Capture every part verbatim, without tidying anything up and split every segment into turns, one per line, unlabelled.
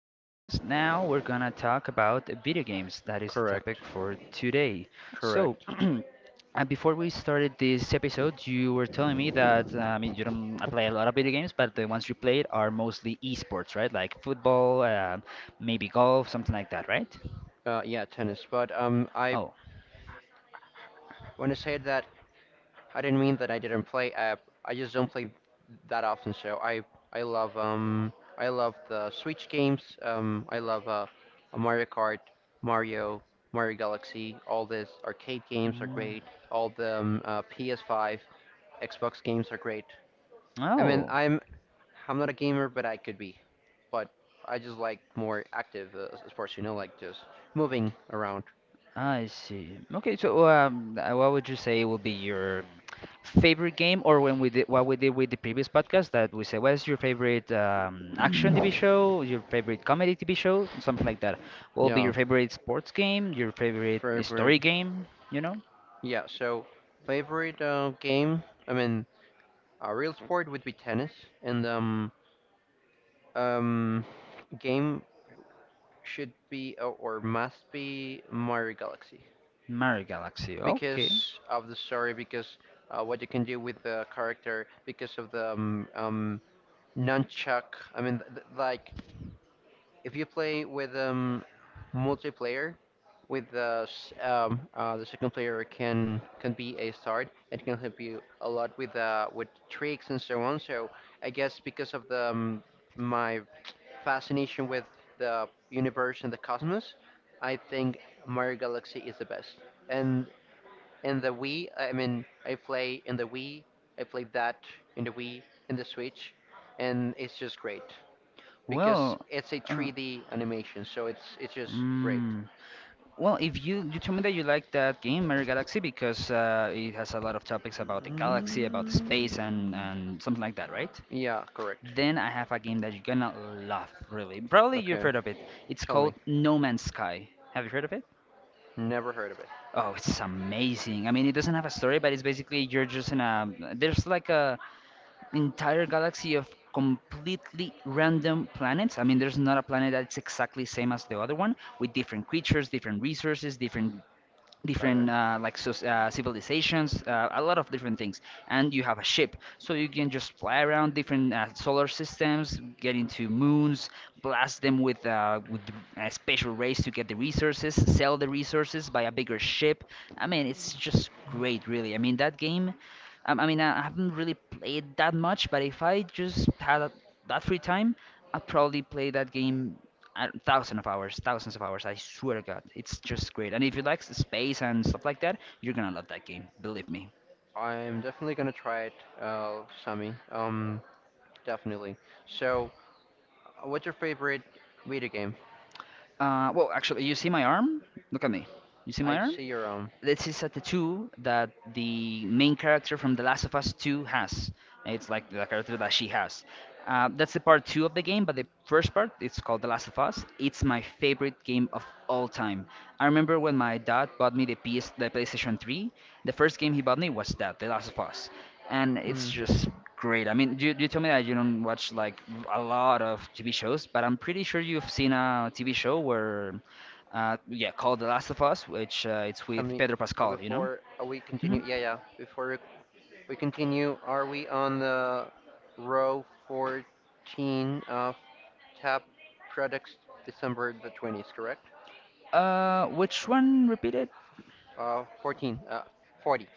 podcast, now we're gonna talk about video games. That is the topic
Correct.
for today. So,
Correct.
uh, before we started this episode, you were telling me that uh, I mean you don't play a lot of video games, but the ones you played are mostly esports, right? Like football, uh, maybe golf, something like that, right?
Uh, yeah, tennis. But um, I
Oh.
want to say that I didn't mean that I didn't play. Uh, I just don't play that often. So I I love um I love the Switch games. Um, I love uh, Mario Kart, Mario, Mario Galaxy. All these arcade games are
Mm.
great. All the um, uh, P S five, Xbox games are great. I mean,
Oh,
I'm I'm not a gamer, but I could be. But I just like more active uh, sports. You know, like just moving around.
I see. Okay, so um, uh, what would you say will be your favorite game, or when we did what we did with the previous podcast that we said, what's your favorite um, action
Mm.
T V show, your favorite comedy T V show, something like that. What will be your
Yeah,
favorite sports game, your favorite story
favorite.
game? You know,
Yeah, so favorite uh, game. I mean, a real sport would be tennis, and um, um, game should be uh, or must be Mario Galaxy
Mario Galaxy. Okay.
because of the story, because uh, what you can do with the character, because of the um, um nunchuck. I mean, th th- like if you play with um, multiplayer, with the s- um, uh, the second player can can be a start and can help you a lot with uh, with tricks and so on. So I guess because of the um, my fascination with the universe and the cosmos, I think Mario Galaxy is the best. And in the Wii, I mean, I play in the Wii, I played that in the Wii, in the Switch, and it's just great
Well,
because it's a
uh,
three D animation, so it's it's just great.
mm, well, if you you told me that you like that game, Mario Galaxy, because uh, it has a lot of topics about the galaxy, about the space, and and something like that, right?
Yeah, correct.
Then I have a game that you're gonna love, really. Probably you've heard
Okay,
of it. It's
tell
called
me.
No Man's Sky. Have you heard of it?
Never heard of it.
Oh, it's amazing. I mean, it doesn't have a story, but it's basically you're just in a there's like a entire galaxy of completely random planets. I mean, there's not a planet that's exactly same as the other one with different creatures, different resources, different
Got
different
it.
uh, like so, uh, civilizations, uh, a lot of different things, and you have a ship, so you can just fly around different uh, solar systems, get into moons, blast them with uh, with a special race to get the resources, sell the resources, buy a bigger ship. I mean, it's just great, really. I mean, that game. Um, I mean, I I haven't really played that much, but if I just had a, that free time, I'd probably play that game I, thousands of hours, thousands of hours. I swear to God, it's just great. And if you like s- space and stuff like that, you're gonna love that game. Believe me.
I'm definitely gonna try it, uh, Sammy. Um, definitely. So, uh, what's your favorite video game?
Uh, well, actually, you see my arm? Look at me. You see my
I
arm?
see your um.
This is a tattoo that the main character from The Last of Us two has. It's like the character that she has. Uh, that's the part two of the game, but the first part it's called The Last of Us. It's my favorite game of all time. I remember when my dad bought me the P S, the PlayStation three. The first game he bought me was that, The Last of Us, and it's
Hmm.
just great. I mean, you, you told me that you don't watch like a lot of T V shows, but I'm pretty sure you've seen a T V show where, uh, yeah, called The Last of Us, which uh, it's with
Sammy,
Pedro
uh,
Pascal, you know?
before uh, we
Hmm.
continue, yeah, yeah. Before we We continue. Are we on the row fourteen of tab products December the twentieth, correct?
Uh, which one? Repeat it.
Uh, fourteen, uh, forty,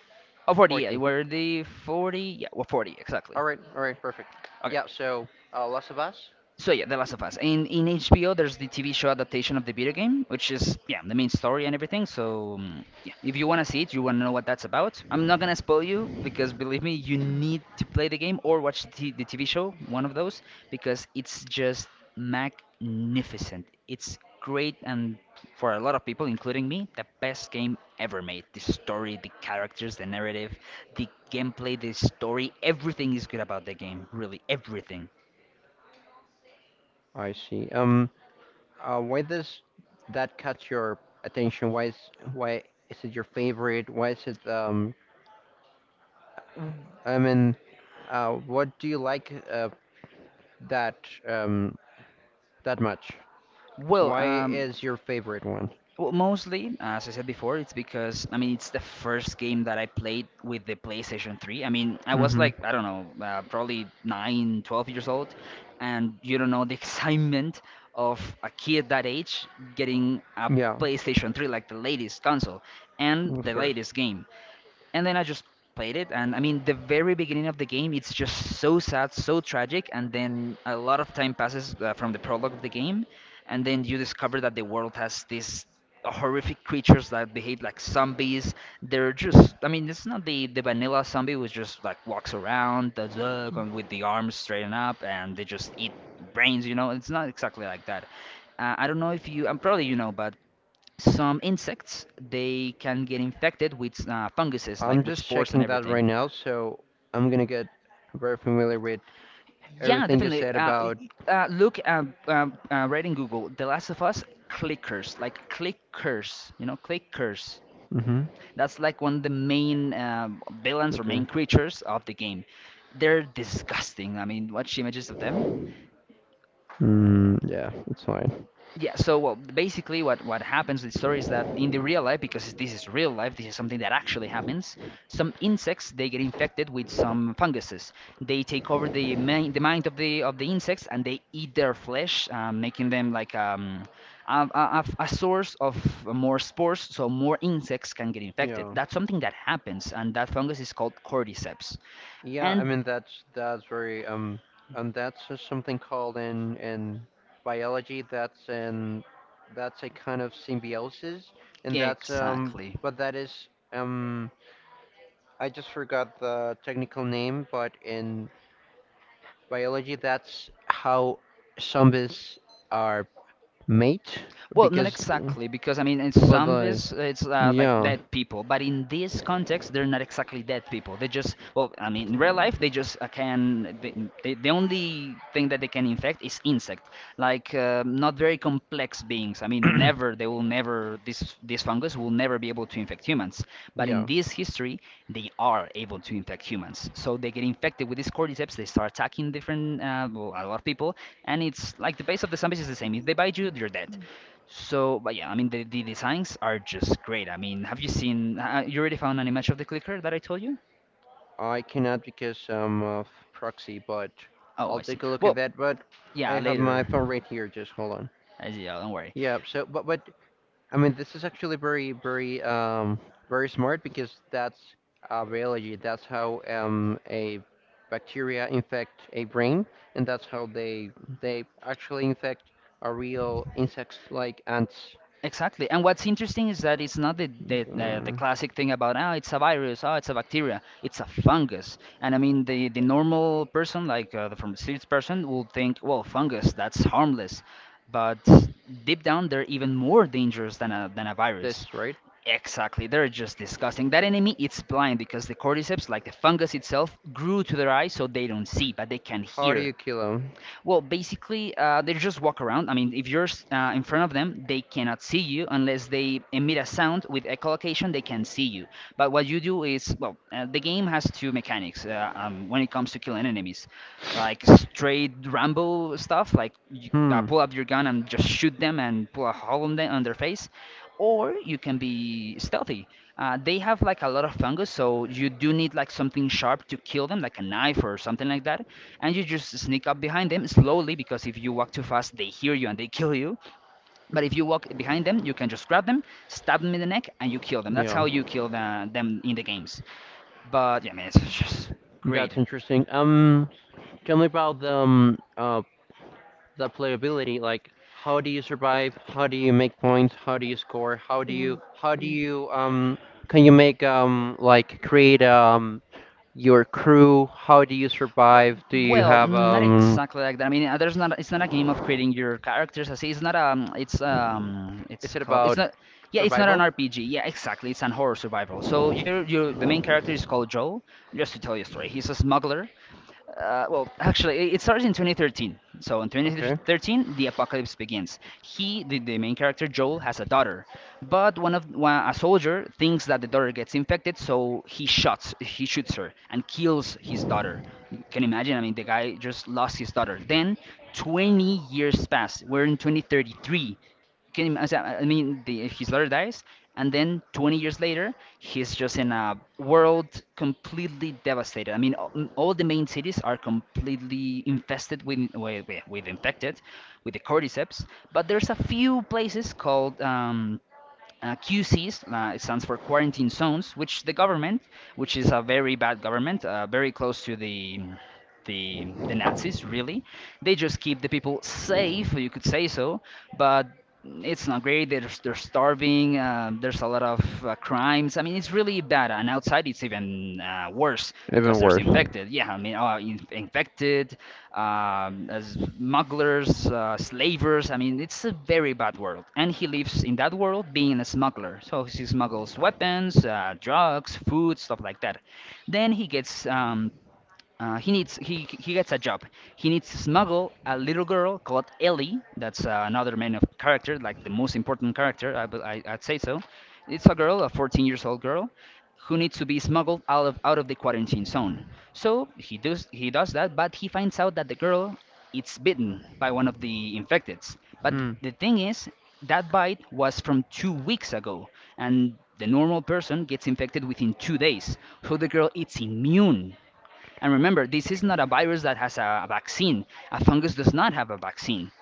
Oh, forty. 40, yeah.
forty.
Were the forty? Yeah, well, forty, exactly.
All right, all right, perfect.
Okay.
Yeah, so uh, Last of Us?
So yeah, The Last of Us. In in H B O, there's the T V show adaptation of the video game, which is yeah the main story and everything. So mm, yeah, if you wanna see it, you wanna know what that's about. I'm not gonna spoil you because believe me, you need to play the game or watch the, t- the T V show, one of those, because it's just magnificent. It's great and for a lot of people, including me, the best game ever made. The story, the characters, the narrative, the gameplay, the story, everything is good about the game. Really, everything.
I see. Um, uh, why does that catch your attention? Why is, why is it your favorite? Why is it, um, I mean, uh, what do you like uh, that, um, that much?
Well,
Why
um,
is your favorite one?
Well, mostly, as I said before, it's because I mean it's the first game that I played with the PlayStation three. I mean, I was like I don't know, uh, probably nine, twelve years old, and you don't know the excitement of a kid that age getting a
Yeah,
PlayStation three, like the latest console and
of
the
course.
latest game and then I just played it. And I mean, the very beginning of the game, it's just so sad, so tragic. And then a lot of time passes uh, from the prologue of the game, and then you discover that the world has these horrific creatures that behave like zombies. They're just, I mean, it's not the the vanilla zombie who just like walks around does, uh, come with the arms straightened up, and they just eat brains. You know, it's not exactly like that. Uh, I don't know if you, I'm probably you know, but some insects they can get infected with uh, funguses
I'm
like with
just
spores and
checking that
everything.
right now, so I'm gonna get very familiar with
Yeah,
everything you
definitely,
said
uh, y-
about.
uh, look uh, uh, uh, right in Google The Last of Us clickers. Like clickers, you know, clickers,
Hmm.
that's like one of the main uh, villains or
Okay.
main creatures of the game. They're disgusting. I mean, watch images of them.
Mm, yeah, it's fine.
Yeah, so well, basically, what what happens with story is that in the real life, because this is real life, this is something that actually happens. Some insects they get infected with some funguses. They take over the main the mind of the of the insects, and they eat their flesh, um, making them like um, a a, a a source of more spores, so more insects can get infected.
Yeah.
That's something that happens, and that fungus is called cordyceps.
Yeah, I
And
mean that's that's very, um and that's just something called in in biology. That's an that's a kind of symbiosis, and that's um
exactly.
but that is, um I just forgot the technical name, but in biology that's how zombies are made,
Well, not
because th-
exactly, because I mean, in
but I,
zombies, it's uh, like
yeah,
dead people, but in this context, they're not exactly dead people. They just, well, I mean, in real life, they just uh, can. They, they, the only thing that they can infect is insect, like uh, not very complex beings. I mean, never they will never this this fungus will never be able to infect humans. But in
yeah.
this history, they are able to infect humans. So they get infected with these cordyceps. They start attacking different, uh, well, a lot of people, and it's like the base of the zombies is the same. If they bite you, you're dead. So, but yeah, I mean the, the designs are just great. I mean, have you seen? Uh, uh, you already found an image of the clicker that I told you?
I cannot because I'm of proxy, but
Oh,
I'll
I see.
take a look at
Well,
that. But I
yeah,
have my
later.
phone right here, just hold on.
Uh, Yeah, don't worry.
Yeah, so but but I mean, this is actually very, very, um, very smart because that's uh, biology. That's how um, a bacteria infect a brain, and that's how they they actually infect a real insects like ants.
Exactly. And what's interesting is that it's not the the, the, the,
Um,
classic thing about oh, it's a virus, oh, it's a bacteria. It's a fungus. And I mean, the the normal person, like uh, the pharmacist person, will think, well, fungus, that's harmless. But deep down, they're even more dangerous than a than a virus.
this, right?
Exactly, they're just disgusting. That enemy its blind because the cordyceps, like the fungus itself, grew to their eyes so they don't see, but they can
How do
hear.
you kill them?
Well, basically, uh, they just walk around. I mean, if you're s- uh, in front of them, they cannot see you unless they emit a sound with echolocation. They can see you. But what you do is, well, uh, the game has two mechanics uh, um, when it comes to killing enemies, like straight Rambo stuff, like you, uh,
Hmm.
pull up your gun and just shoot them and pull a hole on them on their face, or you can be stealthy. Uh, they have like a lot of fungus, so you do need like something sharp to kill them, like a knife or something like that and you just sneak up behind them slowly because if you walk too fast they hear you and they kill you, but if you walk behind them you can just grab them, stab them in the neck and you kill them. That's
Yeah,
how you kill the, them in the games. But yeah, I mean it's just great.
that's interesting. Um, tell me about the um, uh, the playability. Like, how do you survive? How do you make points? How do you score? How do you how do you um can you make, um like create, um your crew? How do you survive?
W-
Do you
well
have
not
um
exactly like that. I mean uh, there's not, it's not a game of creating your characters. I see, it's not um, it's um,
is
it's
it
called,
about
it's not, yeah it's not an
survival?
R P G, yeah exactly, it's an horror survival. So you're, you, the main character is called Joel, just to tell you a story, he's a smuggler. Uh, well, actually, it it starts in twenty thirteen. So in
Okay.
twenty thirteen, the apocalypse begins. He, the, the main character Joel, has a daughter, but one of one, a soldier thinks that the daughter gets infected, so he shoots he shoots her and kills his daughter. Can you imagine? I mean, the guy just lost his daughter. Then twenty years pass. We're in twenty thirty-three. Can you imagine? I mean, the, his daughter dies, and then twenty years later, he's just in a world completely devastated. I mean, all, all the main cities are completely infested with, with, with with infected with the cordyceps, but there's a few places called um, uh, Q Cs. Uh, it stands for quarantine zones, which the government, which is a very bad government, uh, very close to the the the Nazis, really. They just keep the people safe, you could say so, but it's not great. They're they're starving. Uh, there's a lot of uh, crimes. I mean, it's really bad. And outside, it's even uh, worse because
Even
there's
worse.
infected. Yeah, I mean, uh, in infected um, as smugglers, uh, slavers. I mean, it's a very bad world. And he lives in that world being a smuggler. So he smuggles weapons, uh, drugs, food, stuff like that. Then he gets um, uh, he needs he he gets a job. He needs to smuggle a little girl called Ellie. That's uh, another main of character, like the most important character. I, bu- I I'd say so. It's a girl, a fourteen years old girl, who needs to be smuggled out of out of the quarantine zone. So he does he does that, but he finds out that the girl is bitten by one of the infecteds. But th-
Hmm.
the thing is, that bite was from two weeks ago, and the normal person gets infected within two days. So the girl is immune. And remember, this is not a virus that has a vaccine. A fungus does not have a vaccine.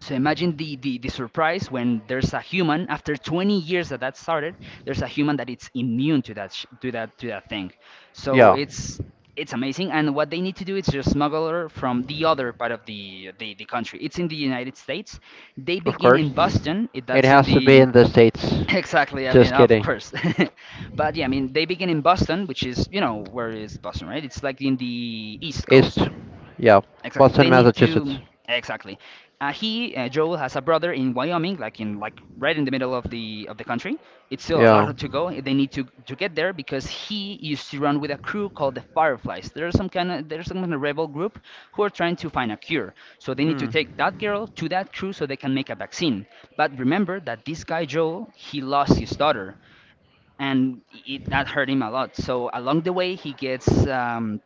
So imagine the, the, the surprise when there's a human after twenty years that that started, there's a human that it's immune to that sh- to that to that thing. So
Yeah,
it's it's amazing. And what they need to do is just smuggle her from the other part of the, the the country. It's in the United States. They
of
begin
course.
in Boston. It,
It
that's in
has to be
the—
in the States.
Exactly. I mean,
Just
of
kidding.
course. But yeah, I mean, they begin in Boston, which is, you know, where is Boston, right? It's like in the East
East.
Coast.
Yeah.
Exactly.
Boston,
They need to—
Massachusetts.
exactly. Uh, he uh, Joel has a brother in Wyoming, like in like right in the middle of the of the country. It's still a lot
Yeah.
to go. They need to to get there because he used to run with a crew called the Fireflies. There's some kind of there's some kind of rebel group who are trying to find a cure. So they need to take
Hmm.
that girl to that crew so they can make a vaccine. But remember that this guy Joel, he lost his daughter, and it, that hurt him a lot. So along the way, he gets um,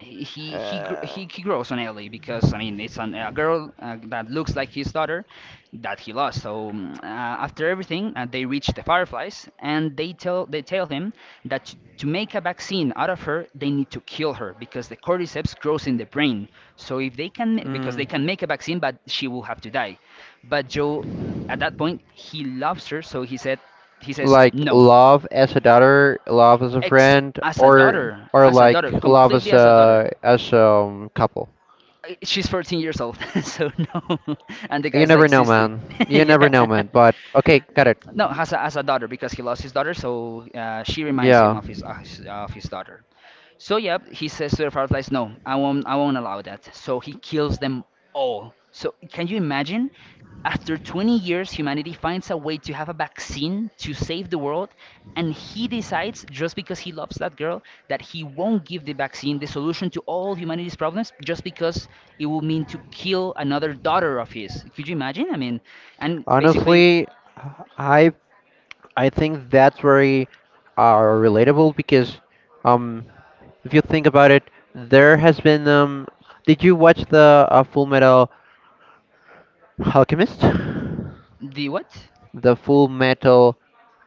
he he he gr-
Uh,
he he grows on Ellie because I mean it's an, a girl uh, that looks like his daughter that he lost. So mm, uh, after everything, uh, they reach the Fireflies and they tell they tell him that to, to make a vaccine out of her, they need to kill her because the cordyceps grows in the brain. So if they can ma- because
Hmm.
they can make a vaccine, but she will have to die. But Joe, at that point, he loves her, so he said he says
Like
no.
love as a daughter, love as a
Ex
friend,
As a
or
daughter,
or
as a
like
daughter,
love as
completely as a daughter.
a as a, um, couple.
I- She's fourteen years old, so no. And the
You
guy's
never
like
know,
sixty.
man. You never
Yeah.
know, man. But okay, got it.
No, has a, has a daughter because he lost his daughter, so uh, she reminds him
Yeah.
of his of his, of his daughter. So yeah, he says to the Fireflies, "No, I won't. I won't allow that." So he kills them all. So can you imagine? After twenty years, humanity finds a way to have a vaccine to save the world, and he decides, just because he loves that girl, that he won't give the vaccine, the solution to all humanity's problems, just because it will mean to kill another daughter of his. Could you imagine? I mean, and basically—
Honestly, I I think that's very, uh, relatable because, um if you think about it, there has been um did you watch the uh, Full Metal Alchemist? The
the what?
Full Metal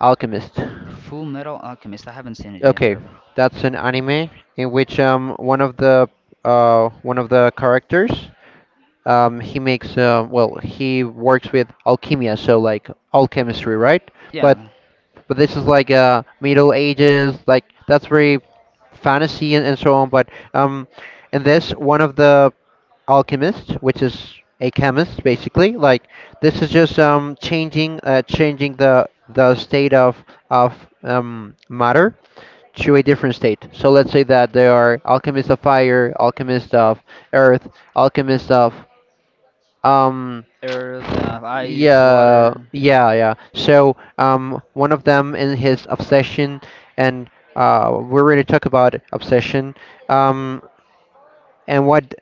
Alchemist.
The Full Metal Alchemist. I haven't seen it yet,
Okay,
really.
that's an anime in which, um one of the uh one of the characters, um he makes, uh, well, he works with alchemia, so like all chemistry, right? but
Yeah,
but this is like uh middle ages, like that's very fantasy, and, and so on. But, um in this, one of the alchemists, which is a chemist, basically, like, this is just um changing uh changing the the state of of, um matter to a different state. So let's say that there are alchemists of fire, alchemists of earth, alchemists of um
earth, uh, ice,
yeah,
water. Uh,
yeah, yeah. So, um one of them, in his obsession, and uh we're going to talk about obsession, um and what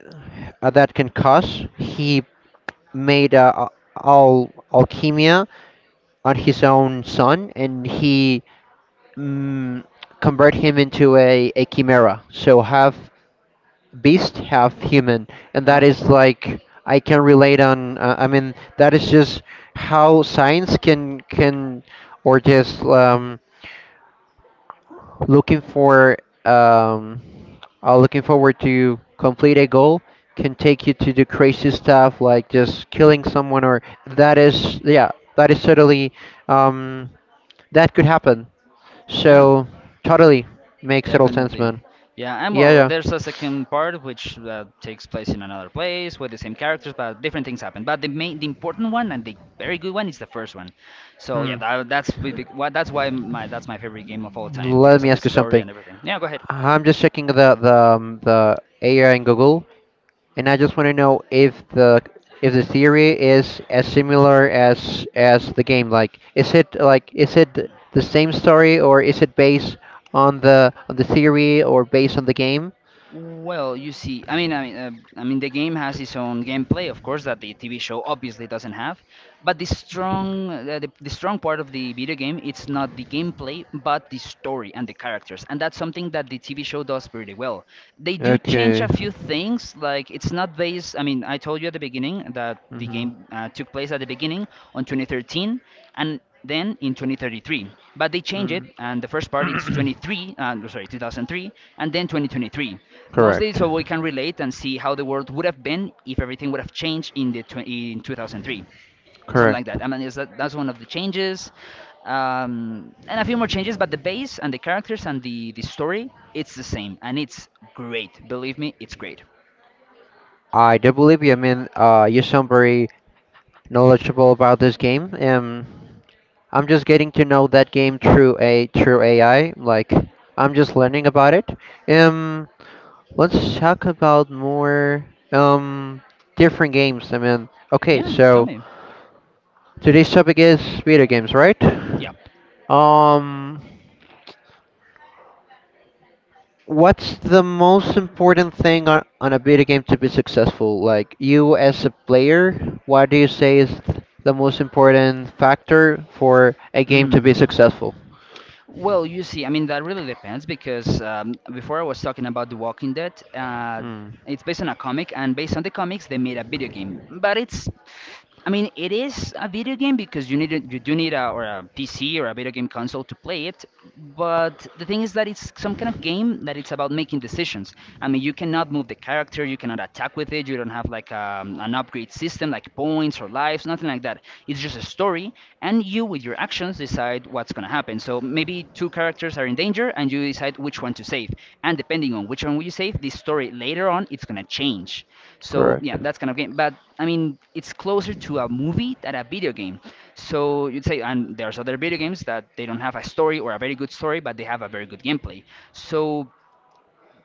uh, that can cause. He made uh, al alchemia on his own son, and he, mm, convert him into a, a chimera. So have beast half human, and that
Oh,
is like, I can relate on, uh, I mean that is just how science can can, or just, um, looking for um, uh, looking forward to complete a goal can take you to do crazy stuff, like just killing someone, or that is. Yeah, that is totally, um, that could happen,
yeah,
so totally makes total sense,
definitely.
man.
Yeah, and
Yeah,
well,
yeah.
there's a second part which uh, takes place in another place with the same characters, but different things happen. But the main, the important one and the very good one is the first one. So
Hmm.
yeah, that, that's why that's why my that's my favorite game of all time
Let
because
me
of the
ask you
story
something.
and everything. Yeah, go ahead.
I'm just checking the the um, the A I in Google, and I just want to know if the if the theory is as similar as as the game. Like, is it like is it the same story, or is it based on the on the theory, or based on the game?
Well, you see, I mean, I mean, uh, I mean, the game has its own gameplay, of course, that the T V show obviously doesn't have. But the strong, uh, the, the strong part of the video game, it's not the gameplay, but the story and the characters, and that's something that the T V show does pretty well. They do change
Okay.
a few things. Like, it's not based— I mean, I told you at the beginning that the
Mm-hmm.
game uh, took place at the beginning on twenty thirteen and then in twenty thirty-three, but they change it
Mm.
and the first part it's twenty-three uh, no, sorry two thousand three and then twenty twenty-three, mostly
Correct.
so we can relate and see how the world would have been if everything would have changed in the tw- in two thousand three, something like
Correct.
that. I mean, is that— that's one of the changes, um, and a few more changes. But the base and the characters and the the story, it's the same, and it's great. Believe me, it's great.
I do believe you. I mean, uh, you sound very knowledgeable about this game. Um. I'm just getting to know that game through a through A I. Like, I'm just learning about it. Um, let's talk about more um different games. I mean, okay,
Yeah, tell
so
me.
today's topic is video games, right?
Yep.
Um, what's the most important thing on, on a video game to be successful? Like, you as a player, what do you say is th- the most important factor for a game to
Mm.
be successful?
Well, you see, I mean, that really depends because um, before I was talking about The Walking Dead. Uh,
Hmm,
it's based on a comic, and based on the comics, they made a video game. But it's I mean, it is a video game because you need a, you do need a or a P C or a video game console to play it. But the thing is that it's some kind of game that it's about making decisions. I mean, you cannot move the character, you cannot attack with it, you don't have like um, an upgrade system like points or lives, nothing like that. It's just a story, and you with your actions decide what's gonna happen. So maybe two characters are in danger, and you decide which one to save. And depending on which one will you save, the story later on it's gonna change. So
correct.
yeah, that's kind of game. But I mean, it's closer to a movie than a video game. So you'd say, and there's other video games that they don't have a story or a very good story, but they have a very good gameplay. So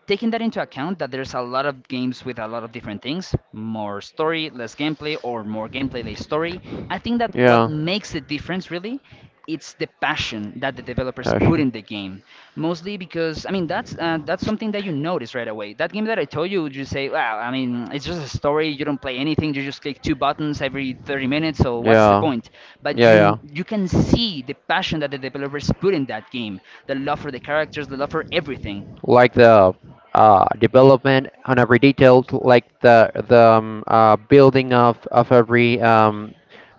taking that into account that there's a lot of games with a lot of different things, more story less gameplay or more gameplay less story, I think that what
Yeah.
makes the difference really, it's the passion that the developers put
Passion.
in the game, mostly because I mean that's uh, that's something that you notice right away. That game that I told you, you say, well, I mean, it's just a story, you don't play anything, you just click two buttons every thirty minutes, so what's the
Yeah.
point? But
Yeah,
you—
yeah.
you can see the passion that the developers put in that game, the love for the characters, the love for everything.
Like the uh development on every detail, like the the um, uh building of of every, um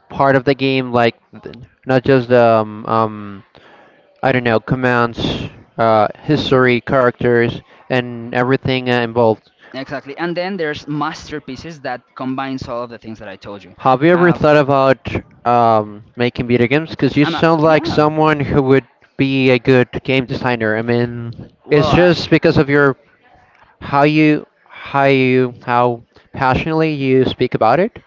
part of the game, like, th- not just, um, um I don't know, commands, uh history, characters, and everything uh, involved.
Exactly. And then there's masterpieces that combines all of the things that I told you.
Have you ever
Uh,
thought about um making video games? Because you
I'm a,
sound like
yeah.
someone who would be a good game designer. I mean,
Well,
it's
I,
just because of your how you how you how passionately you speak about it.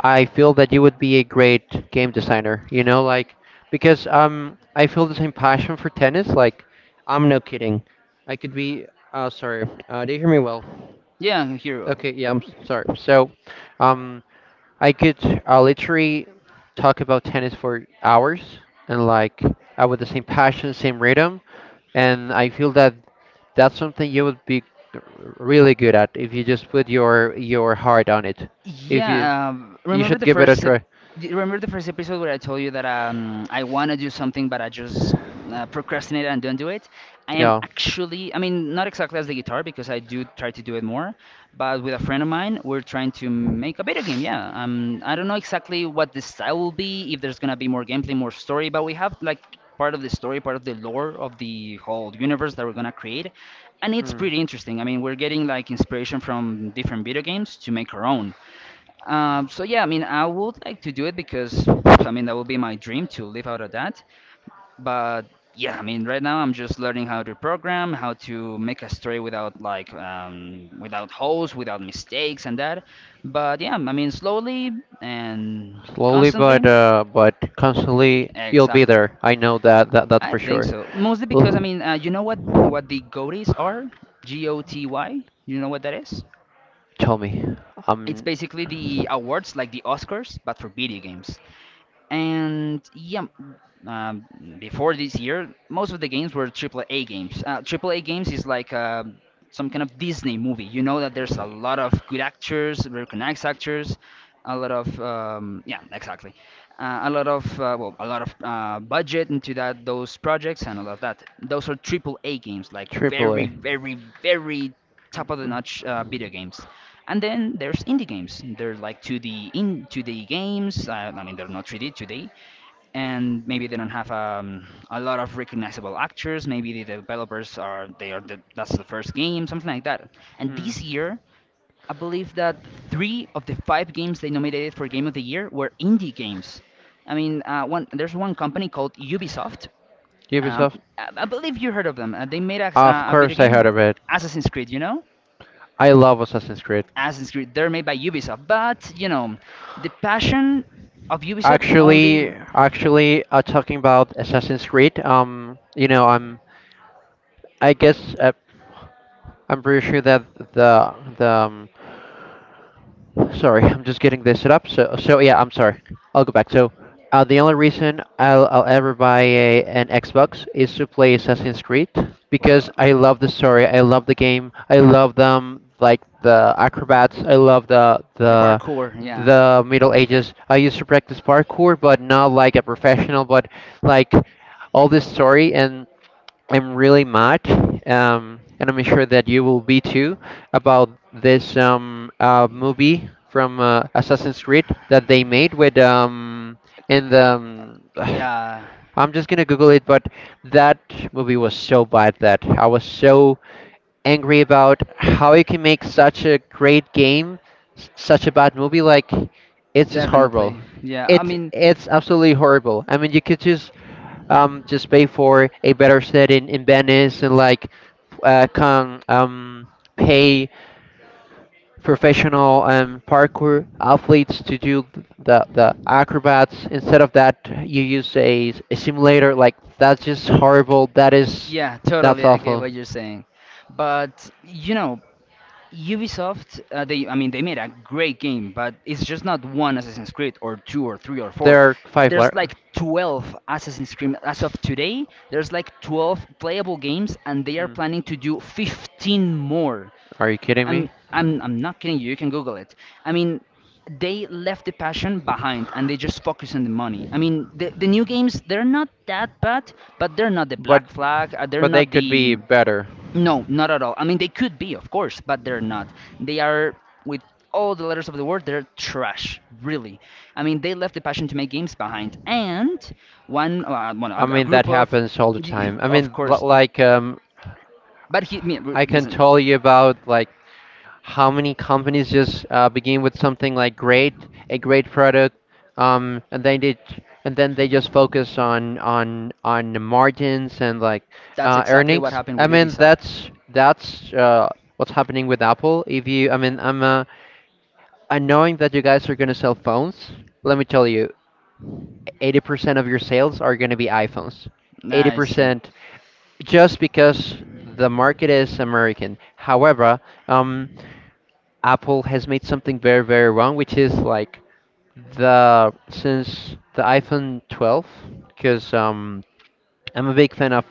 I feel that you would be a great game designer, you know, like, because, um I feel the same passion for tennis. Like, I'm no kidding, I could be, uh sorry, uh do you hear me well?
yeah, here.
Okay, yeah, i'm s- sorry. So, um I could, uh, literally talk about tennis for hours, and like, uh, with the same passion, same rhythm, and I feel that that's something you would be really good at if you just put your your heart on it. If you
Yeah, um,
You
remember
should
the
give it a
first ep-
try.
d- remember the first episode where I told you that um, I want to do something but I just uh, procrastinate and don't do it? I am
Yeah.
actually, I mean, not exactly as the guitar because I do try to do it more, but with a friend of mine, we're trying to make a video game. Yeah, um, I don't know exactly what the style will be, if there's gonna be more gameplay, more story, but we have like part of the story, part of the lore of the whole universe that we're gonna create, and it's
Hmm.
pretty interesting. I mean, we're getting like inspiration from different video games to make our own. Um, so yeah, I mean, I would like to do it because I mean that would be my dream to live out of that. But yeah, I mean, right now I'm just learning how to program, how to make a story without like um, without holes, without mistakes and that. But yeah, I mean, slowly and
Slowly but
constantly.
uh but constantly, you'll be
Exactly.
there. I know that that that's
I
for
think
sure.
so. Mostly because I
Ugh.
mean, uh, you know what what the G O T Ys are? G O T Y. You know what that is?
Tell me.
It's
Um
basically the awards like the Oscars, but for video games. And yeah, um, before this year, most of the games were triple A games. Uh, triple A games is like uh, some kind of Disney movie. You know that there's a lot of good actors, recognized actors, a lot of um, yeah, exactly, uh, a lot of uh, well, a lot of uh, budget into that those projects and a lot of that. Those are triple A games, like very,
triple A.
very, very top of the notch uh, video games. And then there's indie games. They're like two D in two D games. Uh, I mean, they're not three D, two D, and maybe they don't have um, a lot of recognizable actors. Maybe the developers are they are the, that's the first game, something like that. And
Mm.
this year, I believe that three of the five games they nominated for Game of the Year were indie games. I mean, uh, one there's one company called Ubisoft. Um,
Ubisoft?
I, I believe you heard of them. Uh, they made a,
Of
a video
course I heard
game,
of it.
Assassin's Creed. You know?
I love Assassin's Creed.
Assassin's Creed. They're made by Ubisoft, but you know, the passion of Ubisoft only
Actually, actually, uh, talking about Assassin's Creed, um, you know, I'm, I guess, uh, I'm pretty sure that the the um, Sorry, I'm just getting this set up. So, so yeah, I'm sorry. I'll go back. So, uh, the only reason I'll, I'll ever buy a, an Xbox is to play Assassin's Creed, because
well,
I love the story, I love the game, I love them, like the acrobats, I love the
the
the
parkour. Yeah,
the Middle Ages. I used to practice parkour, but not like a professional, but like, all this story, and am really mad, um, and I'm sure that you will be too, about this um, uh, movie from uh, Assassin's Creed that they made with, um, in the. Um,
yeah,
I'm just gonna Google it, but that movie was so bad that I was so angry about how you can make such a great game, s- such a bad movie. Like, it's just horrible.
definitely. Yeah, I
It
mean,
it's absolutely horrible. I mean, you could just um, just pay for a better set in, in Venice, and like, uh, can, um, pay professional, um, parkour athletes to do the, the acrobats. Instead of that, you use a, a simulator. Like, that's just horrible. That is
yeah,
that's
totally. I get
awful.
what you're saying, but you know, Ubisoft, uh, they, I mean, they made a great game, but it's just not one Assassin's Creed or two or three or
There
four.
are five
There's
letters.
like twelve Assassin's Creed as of today. There's like twelve playable games, and they are planning to do fifteen more.
Are you kidding
I'm,
me?
I'm, I'm not kidding you. You can Google it. I mean, they left the passion behind and they just focus on the money. I mean, the, the new games, they're not that bad, but they're not the
But
Black Flag, uh, they're
but they
not
could be
the
better.
no, not at all. I mean, they could be, of course, but they're not. They are, with all the letters of the word, they're trash, really. I mean, they left the passion to make games behind, and one, uh, well,
I
a, a
mean that
group of,
happens all the time. I
of
mean, l-
course,
like, um,
but he, me,
I can
listen,
tell you about, like, how many companies just, uh, begin with something like great, a great product, um, and then they and then they just focus on on on the margins and like,
that's
uh,
exactly what
earnings.
happened
I
with
mean
Ubisoft.
that's that's uh, what's happening with Apple. If you, I mean, I'm uh, I, knowing that you guys are gonna sell phones. Let me tell you, eighty percent of your sales are gonna be iPhones.
I see,
eighty percent, just because the market is American. However, um, Apple has made something very, very wrong, which is like the since the iPhone twelve, because um, I'm a big fan of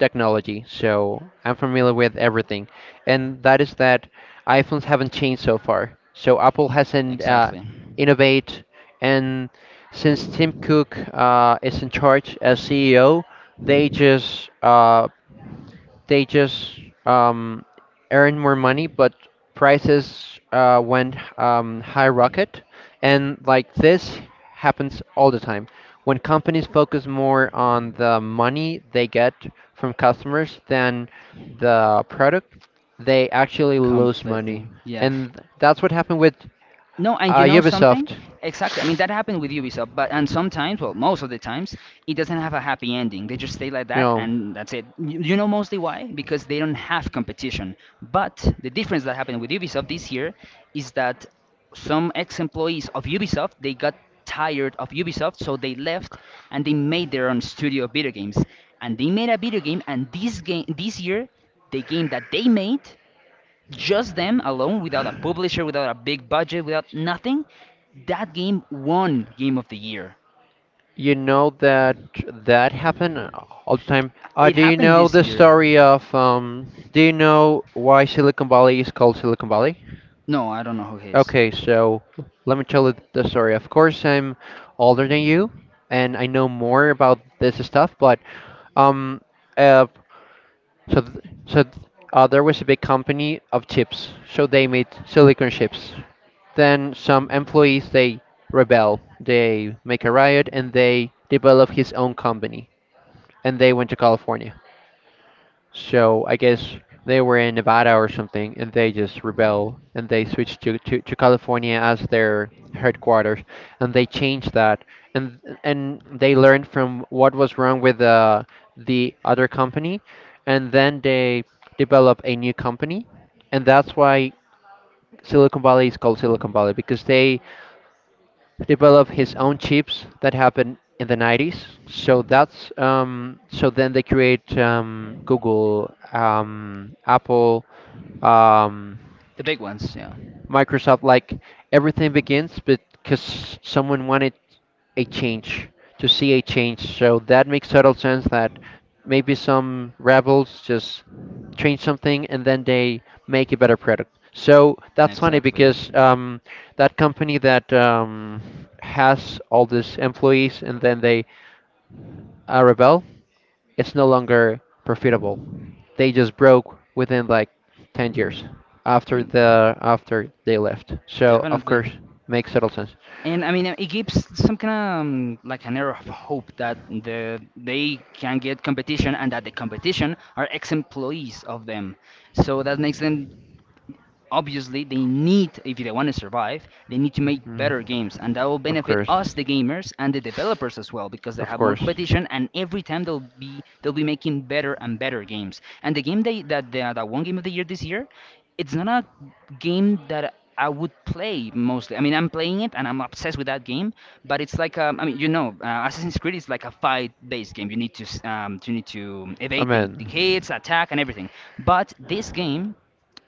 technology, so I'm familiar with everything, and that is that iPhones haven't changed so far. So Apple hasn't uh,
exactly,
innovate, and since Tim Cook uh, is in charge as C E O, they just uh, they just um, earned more money, but prices uh, went um, high rocket. And like this happens all the time. When companies focus more on the money they get from customers than the product, they actually lose money.
completely, yeah.
And that's what happened with
No, and
uh,
you know something?
Ubisoft.
Exactly. I mean, that happened with Ubisoft, but and sometimes, well, most of the times, it doesn't have a happy ending. They just stay like
You
that,
know,
and that's it. You, you know mostly why? Because they don't have competition. But the difference that happened with Ubisoft this year is that some ex-employees of Ubisoft they got tired of Ubisoft, so they left and they made their own studio of video games. And they made a video game, and this game this year, the game that they made just them alone, without a publisher, without a big budget, without nothing, that game won Game of the Year.
You know that that happened all the time. Uh,
It
do you
happened
know
this
the
year.
story of um? Do you know why Silicon Valley is called Silicon Valley?
No, I don't know who he is.
Okay, so let me tell you the story. Of course, I'm older than you, and I know more about this stuff. But um, uh, so th- so th- uh, there was a big company of chips, so they made silicon chips. Then some employees they rebel, they make a riot, and they develop his own company and they went to California. So I guess they were in Nevada or something, and they just rebel and they switched to, to, to California as their headquarters, and they changed that, and and they learned from what was wrong with the the other company, and then they develop a new company, and that's why Silicon Valley is called Silicon Valley because they develop his own chips that happened in the nineties. So that's um, so then they create um, Google, um, Apple, um,
The big ones, yeah.
Microsoft. Like everything begins because someone wanted a change, to see a change. So that makes total sense that maybe some rebels just change something and then they make a better product. So that's funny
Exactly.
because um, that company that um, has all these employees and then they uh, rebel, it's no longer profitable. They just broke within like ten years after
Mm,
the after they left. So of
definitely.
course makes total sense.
And I mean, uh, it gives some kind of um, like an air of hope that the they can get competition and that the competition are ex-employees of them. So that makes them obviously they need if they want to survive they need to make
Mhm.
better games and that will
Of
benefit
course.
us the gamers and the developers as well because they
Of
have more
course.
competition and every time they'll be they'll be making better and better games and the game they, that that that one game of the year this year it's not a game that I would play mostly. I mean, I'm playing it and I'm obsessed with that game, but it's like um, I mean, you know, uh, Assassin's Creed is like a fight-based game. You need to s- um, you need to evade the,
Amen.
the hits, attack, and everything. But this game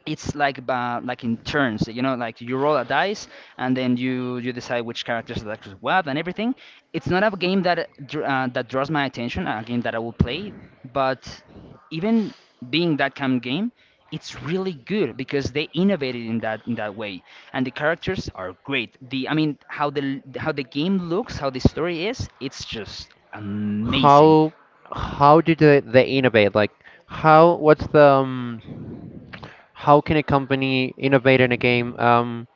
it's like ba like in turns, you know, like you roll a dice and then you you decide which characters are actually what and everything. It's not a game that uh, dr- uh, that draws my attention, a game that I will play, but even being that kind of game, it's really good because they innovated in that in that way. And the characters are great, the I mean how the how the game looks, how the story is, it's just amazing.
How how do they, they innovate? Like how what's the um, how can a company innovate in a game? Um,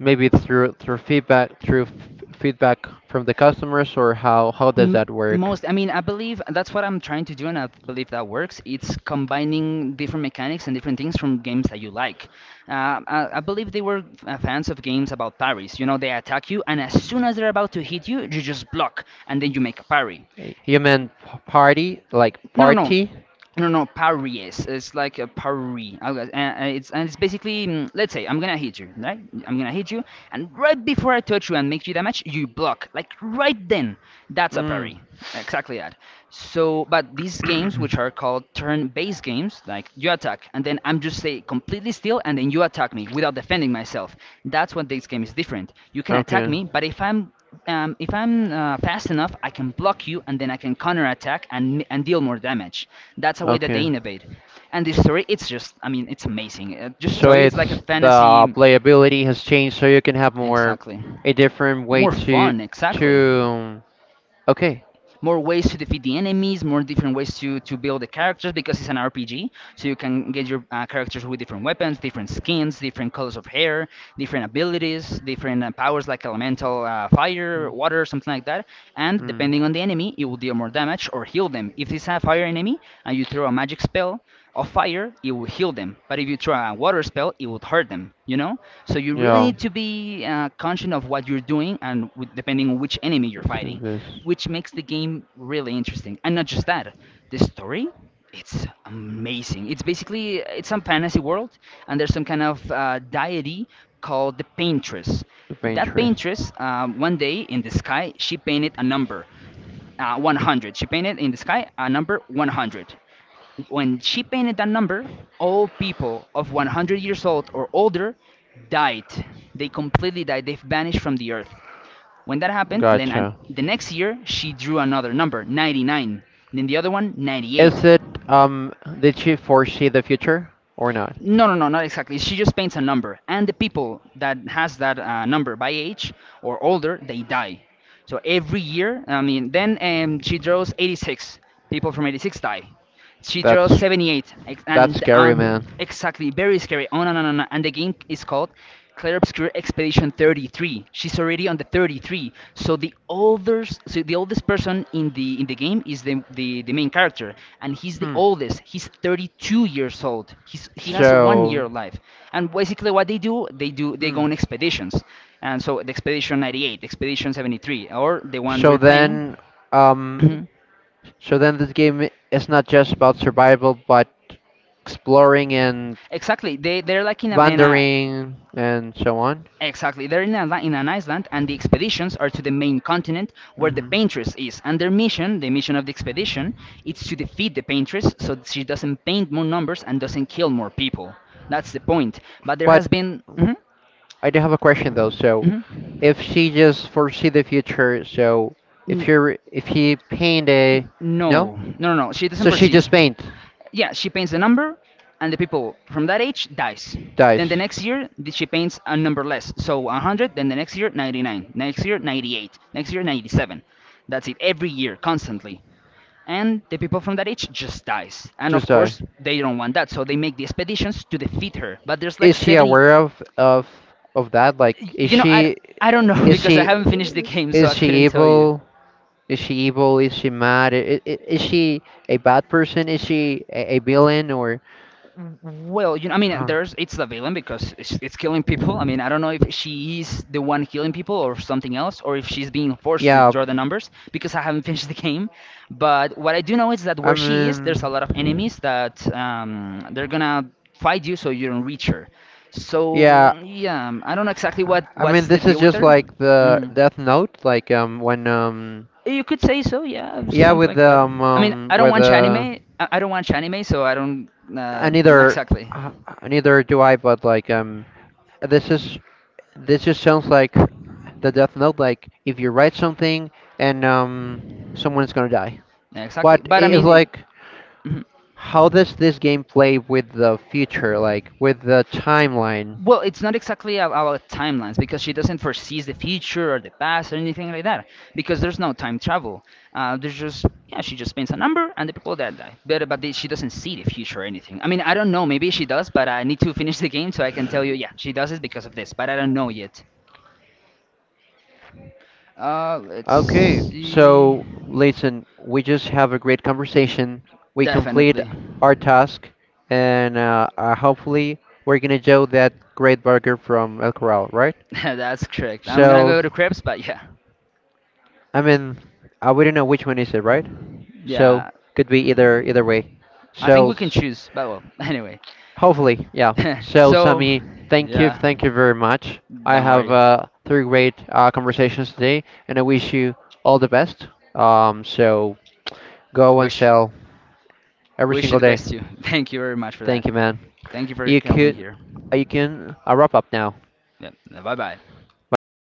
Maybe through through feedback through f feedback from the customers or how how does
M-
that work?
Most, I mean, I believe that's what I'm trying to do, and I believe that works. It's combining different mechanics and different things from games that you like. Uh, I, I believe they were uh, fans of games about parries, you know, they attack you and as soon as they're about to hit you you just block and then you make a parry.
Eh, You meant p- party, like
No no no
party?
no, no, Paris. It's like a Paris. Okay, and and it's and it's basically, mm, let's say I'm gonna hit you, right? I'm gonna hit you, and right before I touch you and make you damage, you block. Like right then, that's a
Mm.
parry. Exactly that. So, but these games, which are called turn-based games, like you attack, and then I'm just say completely still, and then you attack me without defending myself. That's what this game is different. You can attack
Okay,
me, but if I'm um, if I'm uh, fast enough, I can block you, and then I can counter attack and and deal more damage. That's a way that they
okay.
innovate. And the story, it's just, I mean, it's amazing. Uh, just to
So
tell you, it's like a
it's the
fantasy.
playability has changed, so you can have more
Exactly.
a different way
More
to
fun, exactly,
to. Okay.
more ways to defeat the enemies, more different ways to to build the characters because it's an R P G. So you can get your uh, characters with different weapons, different skins, different colors of hair, different abilities, different uh, powers, like elemental uh, fire, water, something like that. And
Mm.
depending on the enemy, it will deal more damage or heal them. If it's a fire enemy and you throw a magic spell of fire, it will heal them. But if you throw a water spell, it would hurt them. You know. So you really
Yeah,
need to be uh, conscious of what you're doing and with, depending on which enemy you're
which
fighting,
is this?
which makes the game really interesting. And not just that, the story. It's amazing. It's basically it's some fantasy world, and there's some kind of uh, deity called the paintress.
The pain
That
tree.
paintress, um, one day in the sky, she painted a number, uh, one hundred. She painted in the sky a number one hundred. When she painted that number, all people of one hundred years old or older died. They completely died. They vanished from the earth. When that happened, then uh,
Gotcha.
the next year she drew another number, ninety-nine. Then the other one,
Is
ninety-eight.
it um did she foresee the future or not?
No, no, no, not exactly. She just paints a number, and the people that has that uh, number by age or older, they die. So every year, I mean, then um, she draws eighty-six, people from eighty-six die. She draws
That's
seventy-eight ex-
that's
and
scary,
on
man.
exactly very scary. Oh no, no, no, no! And the game is called Clair Obscur Expedition thirty-three. She's already on the thirty-three. So the oldest, so the oldest person in the in the game is the the, the main character, and he's the
Hmm.
oldest. He's thirty-two years old. He's he has one
So
year of life. And basically, what they do, they do they go
hmm.
on expeditions, and so the expedition ninety-eight, expedition seventy-three, or the one
So
we're playing.
then um so then this game i- is not just about survival but exploring and
Exactly. They they're like in a in a
wandering and so on.
exactly, they're in an, in an island, and the expeditions are to the main continent where the
Hmm.
paintress is. And their mission, the mission of the expedition, is to defeat the paintress so that she doesn't paint more numbers and doesn't kill more people. That's the point. But there has
But
been. Mhm,
I do have a question though. So
mhm.
if she just foresee the future, so if
N-
you're if he paint a no,
no, no, no, no. She doesn't
so she
perceive.
just paint
Yeah, she paints the number, and the people from that age dies. Then the
dies,
next year, th- she paints a number less. So one hundred, then the next year, ninety-nine. Next year, ninety-eight. Next year, ninety-seven. That's it, every year, constantly. And the people from that age just dies and of
just dies.
course they don't want that so they make the expeditions to defeat her but there's like
Is she
seventy.
aware of of of that? Like, is
You know i,
she
I don't know
is
because I
she
haven't finished the game so
is
I
she
couldn't tell you.
evil? Is she evil? Is she mad? Is, is she a bad person? Is she a, a villain or?
Well, you know, I mean,
Huh.
there's it's the villain because it's, it's killing people. I mean, I don't know if she is the one killing people or something else, or if she's being forced to
Yeah,
draw the numbers because I haven't finished the game. But what I do know is that
I
where she is, there's a lot of
mean,
enemies that um, they're gonna fight you so you don't reach her. So
yeah,
mm, yeah, I don't know exactly what
I mean
what's the
this is
deal with
just
her.
like the
Hmm.
Death Note, like um when um
You could say so, yeah,
yeah
something
with
like that.
um
I mean,
um
I don't
with
watch anime.
uh
I I don't watch anime, so I don't uh,
and
not
neither
exactly.
uh, neither do I, but like um this is this just sounds like the Death Note. Like if you write something and um, someone's gonna die.
Exactly.
But
But I
it is
mean,
like,
it-
how does this game play with the future? Like with the timeline?
well, it's not exactly a- about timelines because she doesn't foresee the future or the past or anything like that because there's no time travel. Uh, there's just, yeah, she just pins a number and the people that die. But, but they, she doesn't see the future or anything. I mean, I don't know. Maybe she does, but I need to finish the game so I can tell you, yeah, she does it because of this, but I don't know yet. Uh, let's
Okay,
see.
so listen, we just have a great conversation. We complete
Definitely.
our task, and uh, uh, hopefully we're gonna do that great burger from El Corral, right?
That's correct. I'm gonna
So
go to Krebs, but yeah.
I mean, I wouldn't know which one is it, right? So
Yeah.
could be either either way.
I think
So
we can
s-
choose, but well, anyway.
Hopefully, yeah. So
So,
Sammy, thank you,
yeah,
thank you very much. I
don't
have
worry.
uh, three great uh, conversations today, and I wish you all the best. Um, so go and
Wish
sell every
Wish you
single
the
day.
best you. Thank you very much for that.
Thank you, man.
Thank you for
You
helping
could,
here.
you can uh, wrap up now.
Yeah, bye bye.
Bye bye. Take